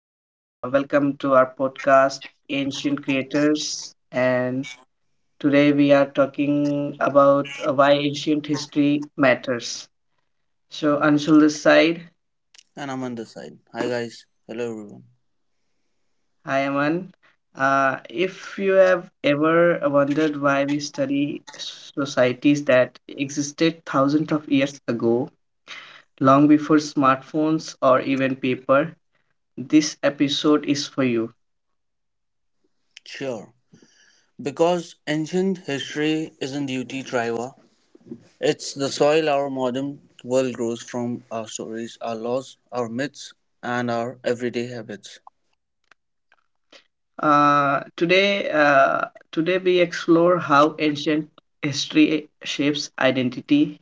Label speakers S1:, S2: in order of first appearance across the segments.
S1: welcome to our podcast, Ancient Creators. And today we are talking about why ancient history matters. So, Anshul this side.
S2: And I'm on this side. Hi guys. Hello everyone.
S1: Hi, Aman. If you have ever wondered why we study societies that existed thousands of years ago, long before smartphones or even paper, this episode is for you.
S2: Sure. Because ancient history isn't duty triva. It's the soil our modern world grows from our stories, our laws, our myths, and our everyday habits.
S1: Uh, today, uh, today we explore how ancient history shapes identity,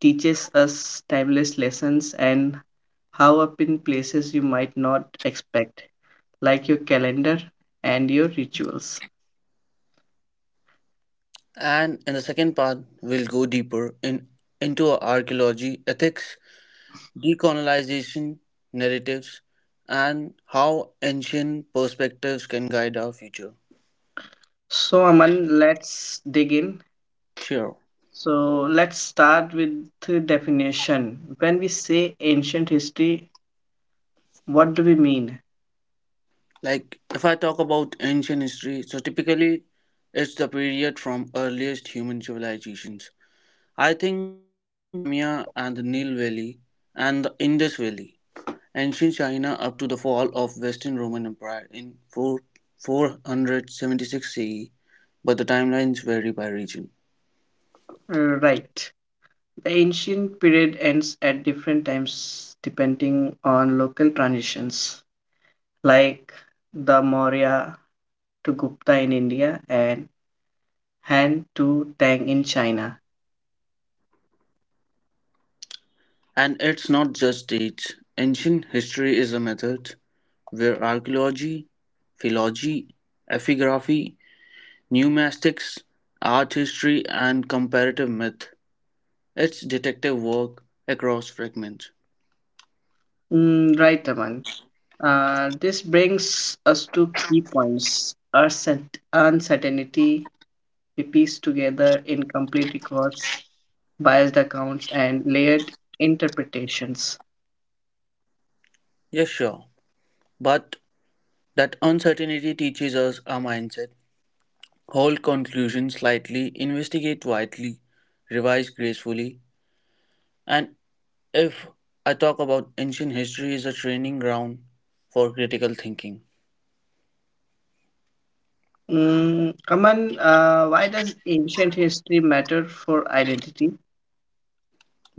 S1: teaches us timeless lessons, and how up in places you might not expect, like your calendar and your rituals.
S2: And in the second part, we'll go deeper in into archaeology, ethics, decolonization, narratives, and how ancient perspectives can guide our future.
S1: So, Aman, let's dig in.
S2: Sure.
S1: So, let's start with the definition. When we say ancient history, what do we mean?
S2: Like, if I talk about ancient history, so typically it's the period from earliest human civilizations. I think Mesopotamia and the Nile Valley and the Indus Valley, ancient China up to the fall of Western Roman Empire in 476 CE, but the timelines vary by region.
S1: Right. The ancient period ends at different times depending on local transitions, like the Maurya to Gupta in India and Han to Tang in China.
S2: And it's not just dates. Ancient history is a method where archaeology, philology, epigraphy, Numismatics, Art History and Comparative Myth, its detective work across fragments.
S1: Mm, right, Aman. This brings us to key points. Our uncertainty, we piece together incomplete records, biased accounts, and layered interpretations.
S2: Yes, sure. But that uncertainty teaches us our mindset. Hold conclusions lightly, investigate widely, revise gracefully. And if I talk about ancient history is a training ground for critical thinking.
S1: Mm, Aman, why does ancient history matter for identity?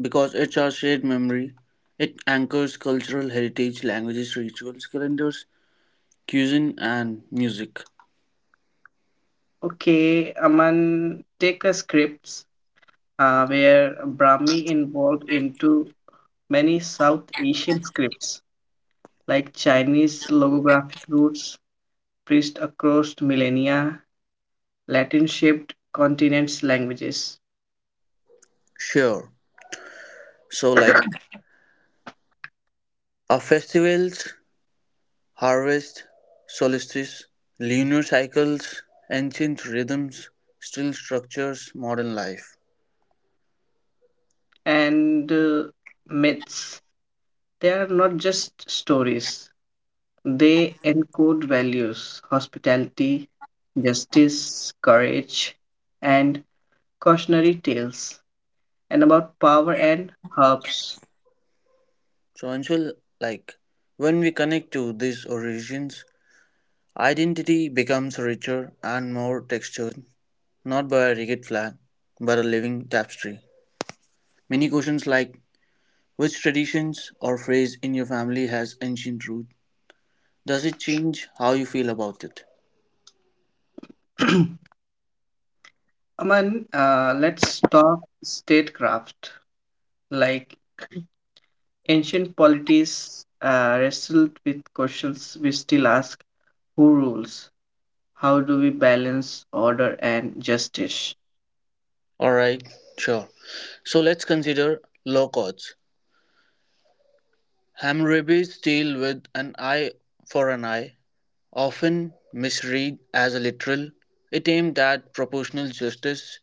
S2: Because it's our shared memory, it anchors cultural heritage, languages, rituals, calendars, cuisine and music.
S1: Okay, Aman, take a scripts where Brahmi involved into many South Asian scripts like Chinese logographic roots, priest across millennia, Latin-shaped continents languages,
S2: Sure. So, like our festivals, harvest, solstice, lunar cycles, ancient rhythms still structures modern life.
S1: and myths. They are not just stories; they encode values, hospitality, justice, courage, and cautionary tales, and about power and herbs.
S2: So, Anshul, like when we connect to these origins, identity becomes richer and more textured, not by a rigid flag, but a living tapestry. Many questions like which traditions or phrase in your family has ancient root? Does it change how you feel about it?
S1: Aman, let's talk statecraft. Like ancient polities wrestled with questions we still ask: who rules? How do we balance order and justice?
S2: All right, sure. So let's consider law courts. Hammurabi's deal with an eye for an eye, often misread as a literal, it aimed at proportional justice,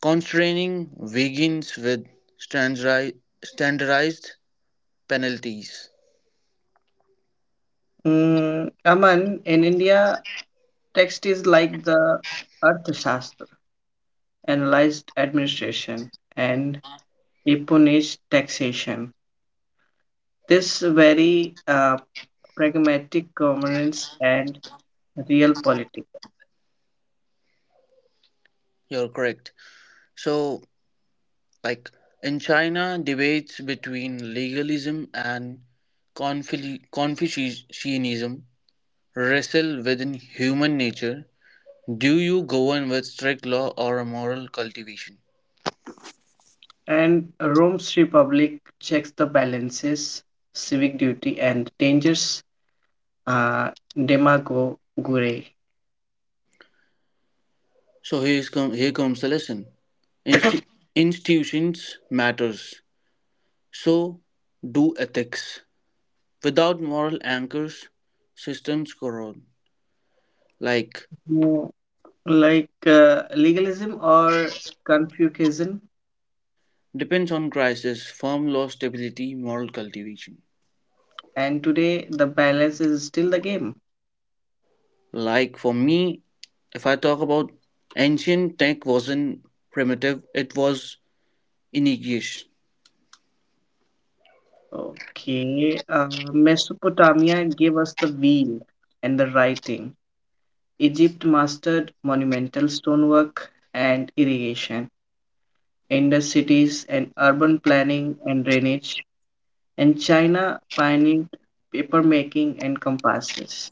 S2: constraining vegans with standardi- standardized penalties.
S1: Mm, Aman, in India, text is like the Arthashastra analyzed administration, and deponized taxation. This very pragmatic governance and real politics.
S2: You're correct. So, like in China, debates between legalism and Confucianism wrestle within human nature. Do you govern with strict law or a moral cultivation?
S1: And Rome's Republic checks the balances, civic duty, and dangers uh, demagoguery.
S2: So here comes the lesson. Insti- institutions matters. So do ethics. Without moral anchors, systems corrode. Like
S1: Mm, like legalism or Confucianism,
S2: depends on crisis, firm law stability, moral cultivation.
S1: and today the balance is still the game.
S2: Like for me, if I talk about ancient tech wasn't primitive, it was initiation.
S1: Okay, Mesopotamia gave us the wheel and the writing. Egypt mastered monumental stonework and irrigation. Indus cities and urban planning and drainage. And China pioneered paper making and compasses.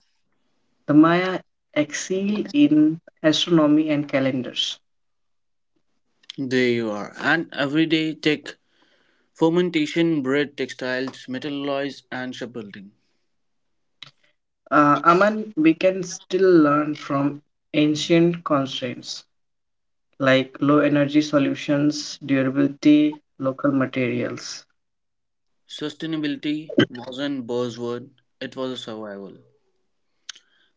S1: The Maya excelled in astronomy and calendars.
S2: There you are. And everyday tech fermentation bred textiles, metal alloys, and shipbuilding.
S1: Aman, we can still learn from ancient constraints. Like low energy solutions, durability, local materials.
S2: Sustainability wasn't a buzzword, it was a survival.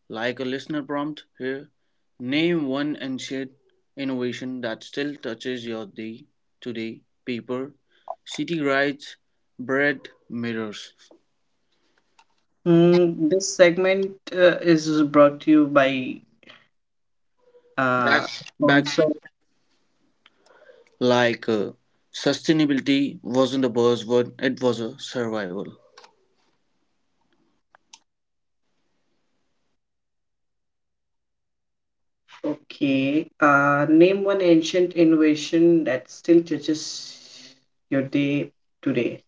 S2: Like a listener prompt here, name one ancient innovation that still touches your day today. Paper, city rides, bread, mirrors.
S1: This segment is brought to you by
S2: Back,
S1: uh,
S2: back,
S1: Sponsor.
S2: like sustainability wasn't a buzzword, it was a survival.
S1: Okay. Name one ancient innovation that still touches your day today.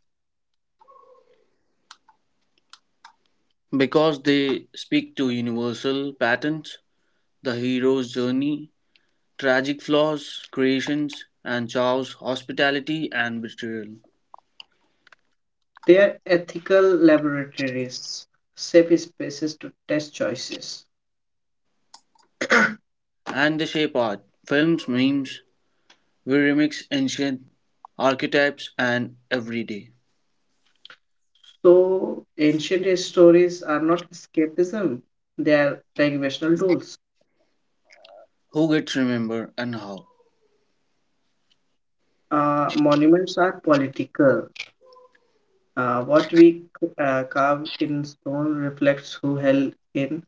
S2: Because they speak to universal patterns, the hero's journey, tragic flaws, creations, and chows, hospitality and betrayal.
S1: They are ethical laboratories, safe spaces to test choices.
S2: And the shape art, films, memes, we remix ancient archetypes and everyday.
S1: So, ancient stories are not escapism, they are navigational tools.
S2: Who gets remembered and how?
S1: Monuments are political. What we carve in stone reflects who held in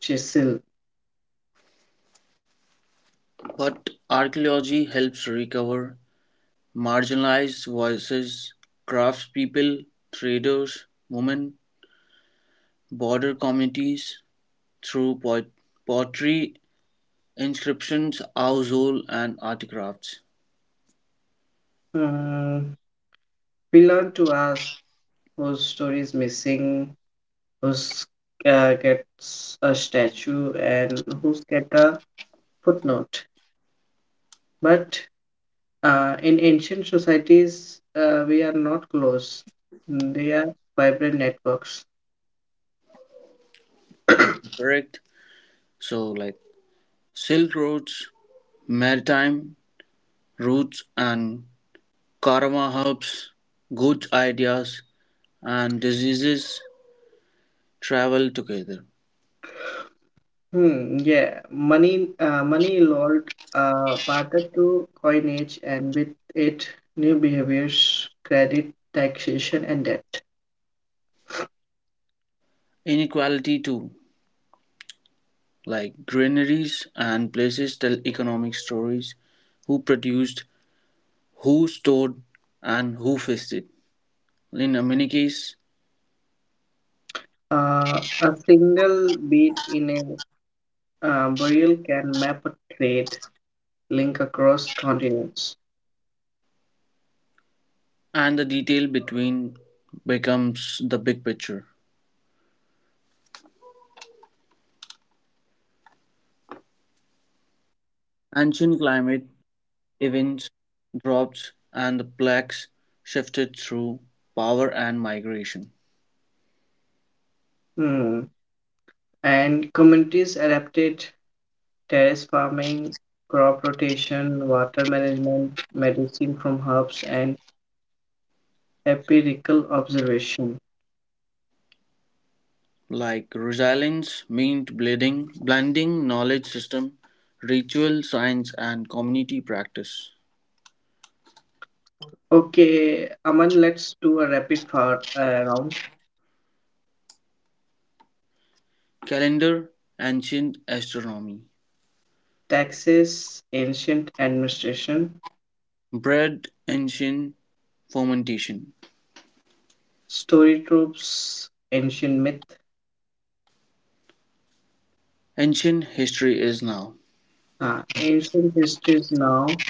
S1: chisel.
S2: But archaeology helps recover marginalized voices, craftspeople, traders, women, border communities through pottery, inscriptions, household, and art crafts.
S1: Mm, we learn to ask whose story is missing, whose gets a statue, and whose get a footnote. But in ancient societies, we are not close. They are vibrant networks.
S2: Like correct, so like silk roads, maritime routes and karma hubs, goods, ideas and diseases travel together.
S1: Yeah, money evolved partner to coinage, and with it, new behaviors, credit, taxation, and debt.
S2: Inequality too, like granaries and places tell economic stories: who produced, who stored, and who feasted in a many case.
S1: A single bead in a burial can map a trade link across continents.
S2: And the detail between becomes the big picture. Ancient climate events, droughts, and the plagues shifted through power and migration.
S1: Hmm. And communities adapted terrace farming, crop rotation, water management, medicine from herbs, and empirical observation.
S2: Like resilience meant blending knowledge system, ritual science, and community practice.
S1: Okay, Aman, let's do a rapid fire round.
S2: Calendar, ancient astronomy.
S1: Taxes, ancient administration,
S2: Bread, ancient fermentation.
S1: story tropes, ancient myth,
S2: Ancient history is now.
S1: ancient histories now.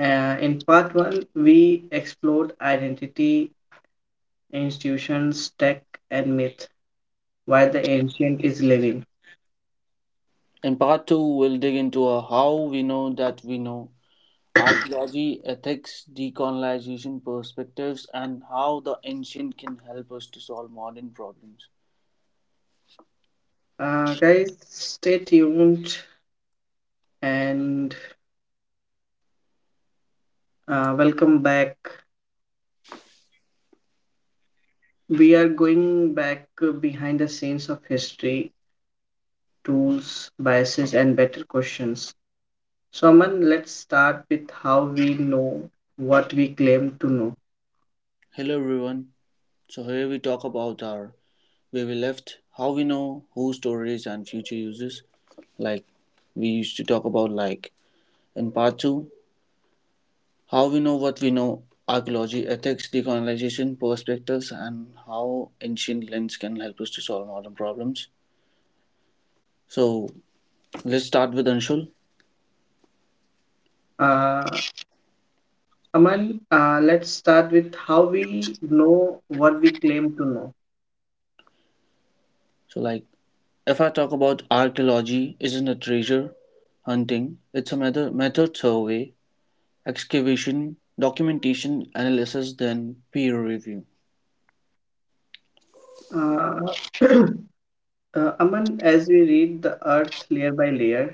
S1: In part one, we explored identity, institutions, tech, and myth, why the ancient is living.
S2: In part two, we'll dig into a how we know that we know: archaeology, ethics, decolonization perspectives, and how the ancient can help us to solve modern problems.
S1: Guys, stay tuned, and welcome back. We are going back behind the scenes of history tools, biases, and better questions. So, Aman, let's start with how we know what we claim to know.
S2: Hello everyone. So here we talk about our where we left, how we know who storage and future uses. Like we used to talk about like in part two, how we know what we know, archaeology, ethics, decolonization perspectives, and how ancient lens can help us to solve modern problems. So let's start with Anshul.
S1: Uh, Aman, let's start with how we know what we claim to know.
S2: So like, if I talk about archaeology, isn't a treasure hunting? It's a method, method survey, excavation, documentation, analysis, then peer review.
S1: Uh, Aman, as we read the earth layer by layer,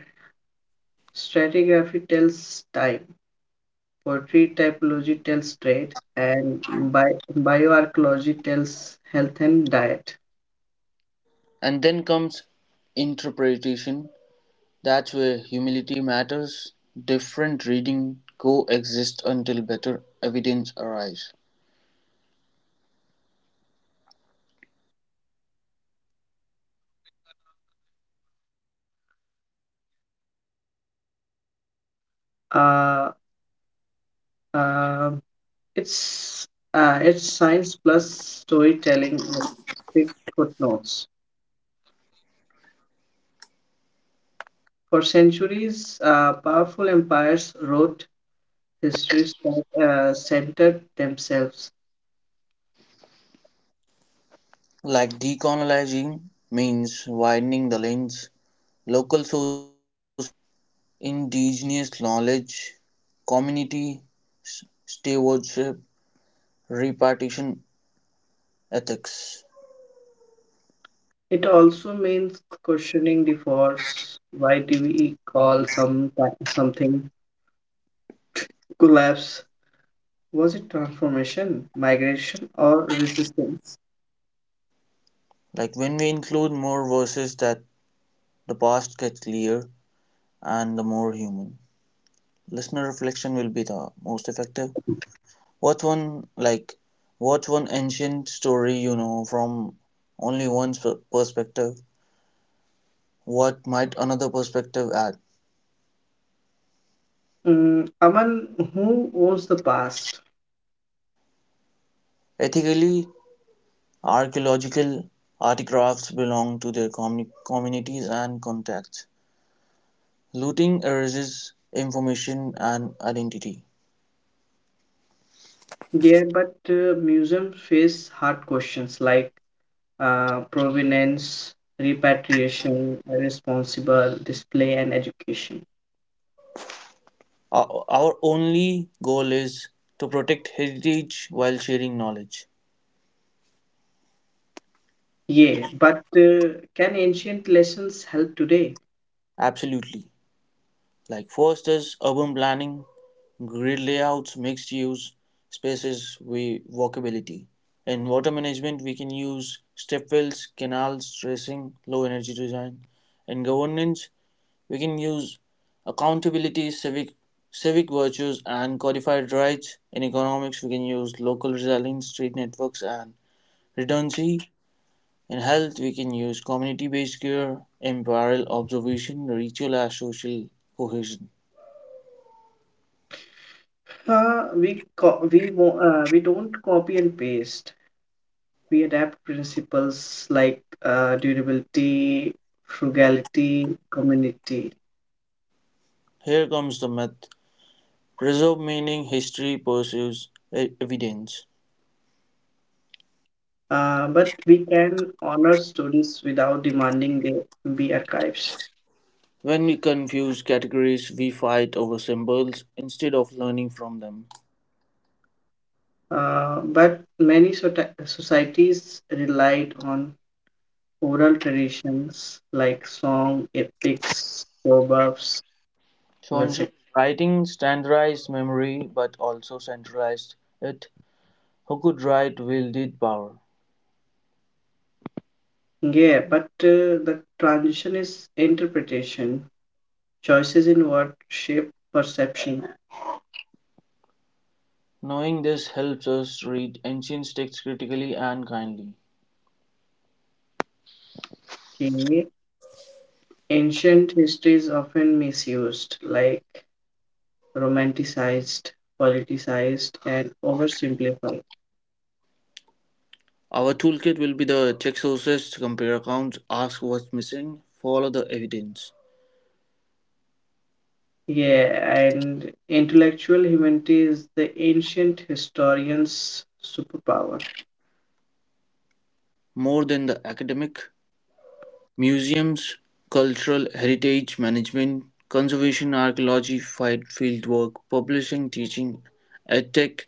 S1: stratigraphy tells time, poetry typology tells trade, and bioarchaeology tells health and diet.
S2: And then comes interpretation. That's where humility matters. Different reading coexist until better evidence arrives.
S1: Uh, uh, It's it's science plus storytelling with quick footnotes. For centuries, powerful empires wrote histories that centered themselves.
S2: Like decolonizing means widening the lens, local sources, indigenous knowledge, community stewardship, repartition ethics.
S1: It also means questioning the force. Why do we call something collapse? Was it transformation, migration, or resistance?
S2: Like when we include more voices that the past gets clear and the more human. Listener reflection will be the most effective. What's one like what's one ancient story you know from only one perspective? What might another perspective add?
S1: Mm, Aman, who owns the past?
S2: Ethically, archaeological artifacts belong to their communities and contexts. Looting erases information and identity.
S1: Yeah, but museums face hard questions like provenance, repatriation, responsible display, and education.
S2: Our only goal is to protect heritage while sharing knowledge.
S1: Yeah, but can ancient lessons help today?
S2: Absolutely. Like fosters urban planning, grid layouts, mixed use spaces, we walkability. In water management, we can use stepwells, canals, tracing, low energy design. In governance, we can use accountability, civic virtues, and codified rights. In economics, we can use local resilience, street networks, and redundancy. In health, we can use community based care, empirical observation, ritual as social cohesion.
S1: We don't copy and paste. We adapt principles like durability, frugality, community.
S2: Here comes the myth preserve meaning, history pursues evidence.
S1: But we can honor stories without demanding they be archives.
S2: When we confuse categories, we fight over symbols instead of learning from them.
S1: But many societies relied on oral traditions like song, epics, proverbs,
S2: Swansea
S1: etc.
S2: writing standardized memory but also centralized it. Who could write wielded power?
S1: Yeah, but the transition is interpretation, choices in what shape perception.
S2: Knowing this helps us read ancient texts critically and kindly.
S1: Okay. Ancient history is often misused, like romanticized, politicized, and oversimplified.
S2: Our toolkit will be the check sources, compare accounts, ask what's missing, follow the evidence.
S1: Yeah, and intellectual humanity is the ancient historian's superpower.
S2: More than the academic, museums, cultural heritage management, conservation archaeology, fieldwork, publishing, teaching, edtech,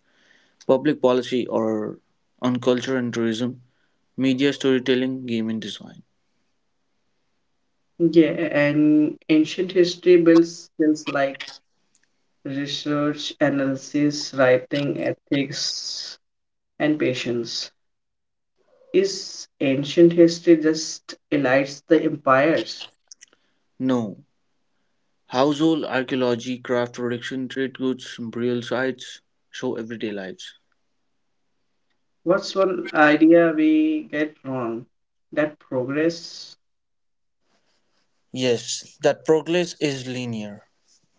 S2: public policy or on culture and tourism, media storytelling, game and design.
S1: Yeah, and ancient history builds skills like research, analysis, writing, ethics, and patience. Is ancient history just elites the empires?
S2: No. Household archaeology, craft production, trade goods, burial sites, show everyday lives.
S1: What's one idea we get wrong? That progress.
S2: Yes, that progress is linear.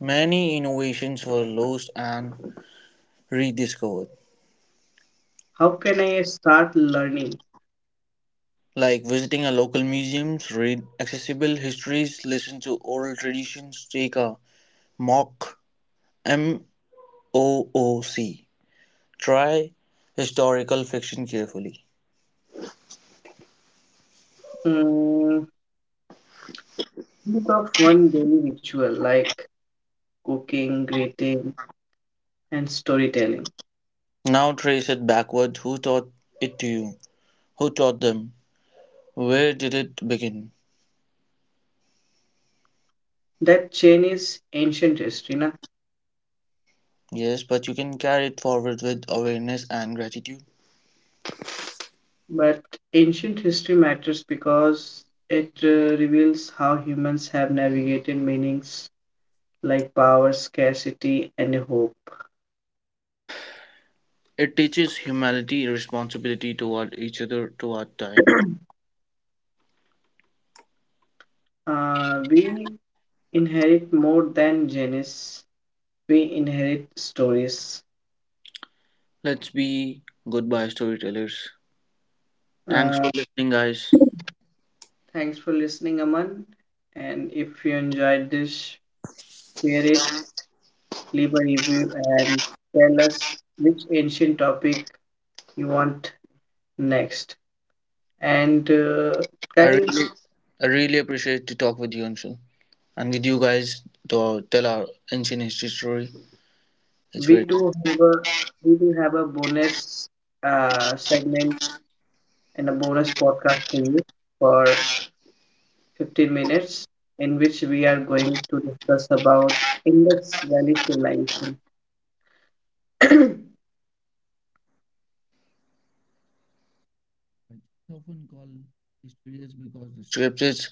S2: Many innovations were lost and rediscovered,
S1: How can I start learning?
S2: like visiting a local museum, read accessible histories, listen to oral traditions, take a mock MOOC. Try historical fiction carefully.
S1: Mm, think of one daily ritual like cooking, greeting, and storytelling.
S2: Now trace it backward. Who taught it to you? Who taught them? Where did it begin?
S1: That chain is ancient history, na?
S2: Yes, but you can carry it forward with awareness and gratitude.
S1: But ancient history matters because it reveals how humans have navigated meanings like power, scarcity, and hope.
S2: It teaches humanity, responsibility toward each other, toward time.
S1: We inherit more than genes, we inherit stories.
S2: Let's be goodbye storytellers. Thanks
S1: Uh,
S2: for listening, guys.
S1: thanks for listening, Aman. And if you enjoyed this, share it, leave a review, and tell us which ancient topic you want next. And
S2: I really,
S1: guys,
S2: I really appreciate to talk with you, Anshul, and with you guys to tell our ancient history story. It's
S1: we
S2: very
S1: do have a we do have a bonus segment and a bonus podcast for you for 15 minutes in which we are going to discuss about index value civilization.
S2: often called history is because the script is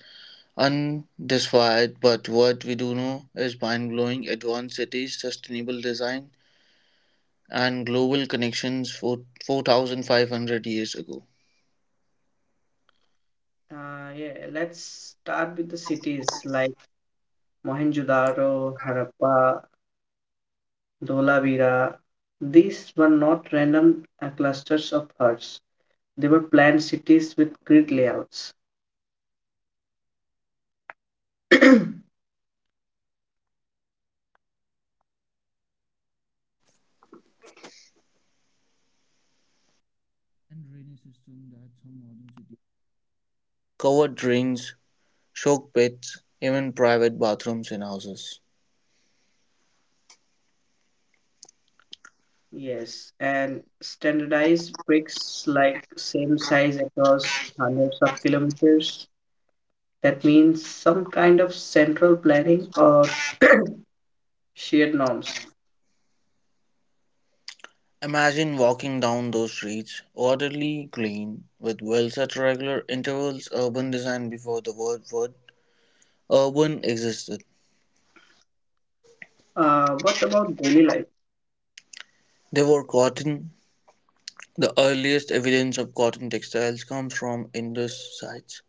S2: undefined, but what we do know is mind-blowing advanced cities, sustainable design, and global connections for 4,500 years ago.
S1: Yeah, let's start with the cities like Mohenjo-daro, Harappa, Dholavira. These were not random clusters of huts. They were planned cities with grid layouts.
S2: And drainage system that some modern cities, covered drains, shock pits, even private bathrooms in houses.
S1: Yes, and standardized bricks, like same size across hundreds of kilometers. That means some kind of central planning or shared norms.
S2: Imagine walking down those streets, orderly, clean, with wells at regular intervals, urban design before the word urban existed.
S1: What about daily life?
S2: They were cotton. The earliest evidence of cotton textiles comes from Indus sites.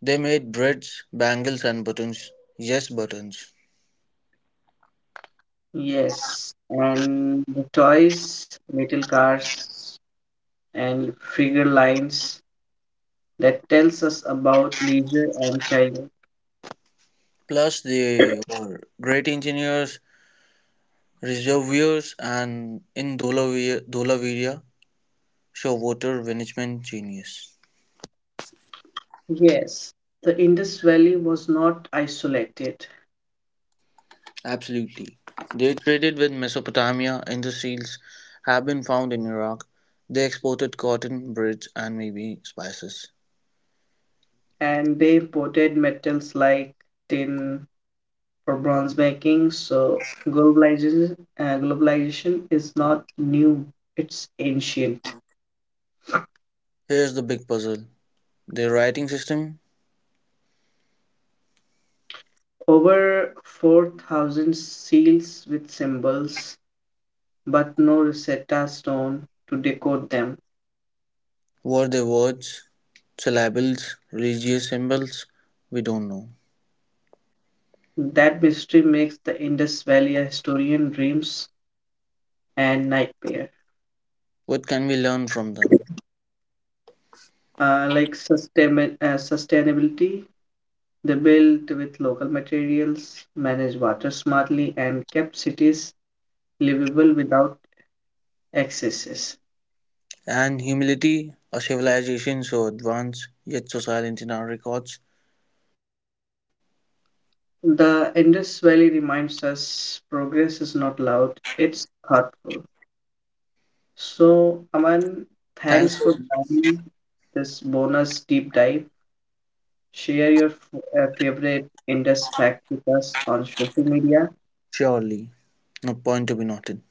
S2: They made braids, bangles, and buttons. Yes, buttons.
S1: Yes, and the toys, metal cars, and figure lines that tells us about leisure and childhood.
S2: Plus, they were great engineers. Reservoirs and in Dholaviria show water management genius.
S1: Yes, the Indus Valley was not isolated,
S2: Absolutely. They traded with Mesopotamia, and the seals have been found in Iraq. They exported cotton, breads, and maybe spices.
S1: and they imported metals like tin, for bronze making. So globalization is not new; it's ancient.
S2: Here's the big puzzle: their writing system.
S1: Over 4,000 seals with symbols, but no Rosetta Stone to decode them.
S2: Were they words, syllables, religious symbols? We don't know.
S1: That mystery makes the Indus Valley a historian dreams and nightmare.
S2: What can we learn from them?
S1: Like sustainability, they built with local materials, managed water smartly, and kept cities livable without excesses.
S2: And humility, a civilization so advanced yet so silent in our records.
S1: The Indus Valley reminds us progress is not loud, it's thoughtful. So, Aman,
S2: Thanks
S1: thanks
S2: for
S1: for joining this bonus deep dive. Share your favorite Indus fact with us on social media.
S2: surely. No point to be noted.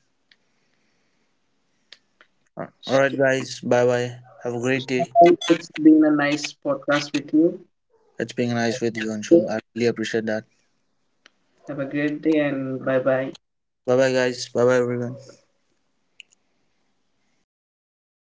S2: All right,
S1: So,
S2: guys. Bye bye. Have a great day.
S1: so, it's been a nice podcast with you.
S2: It's being nice with you, Anshul. I really appreciate that.
S1: Have a great day and bye bye.
S2: Bye bye, guys. Bye bye, everyone.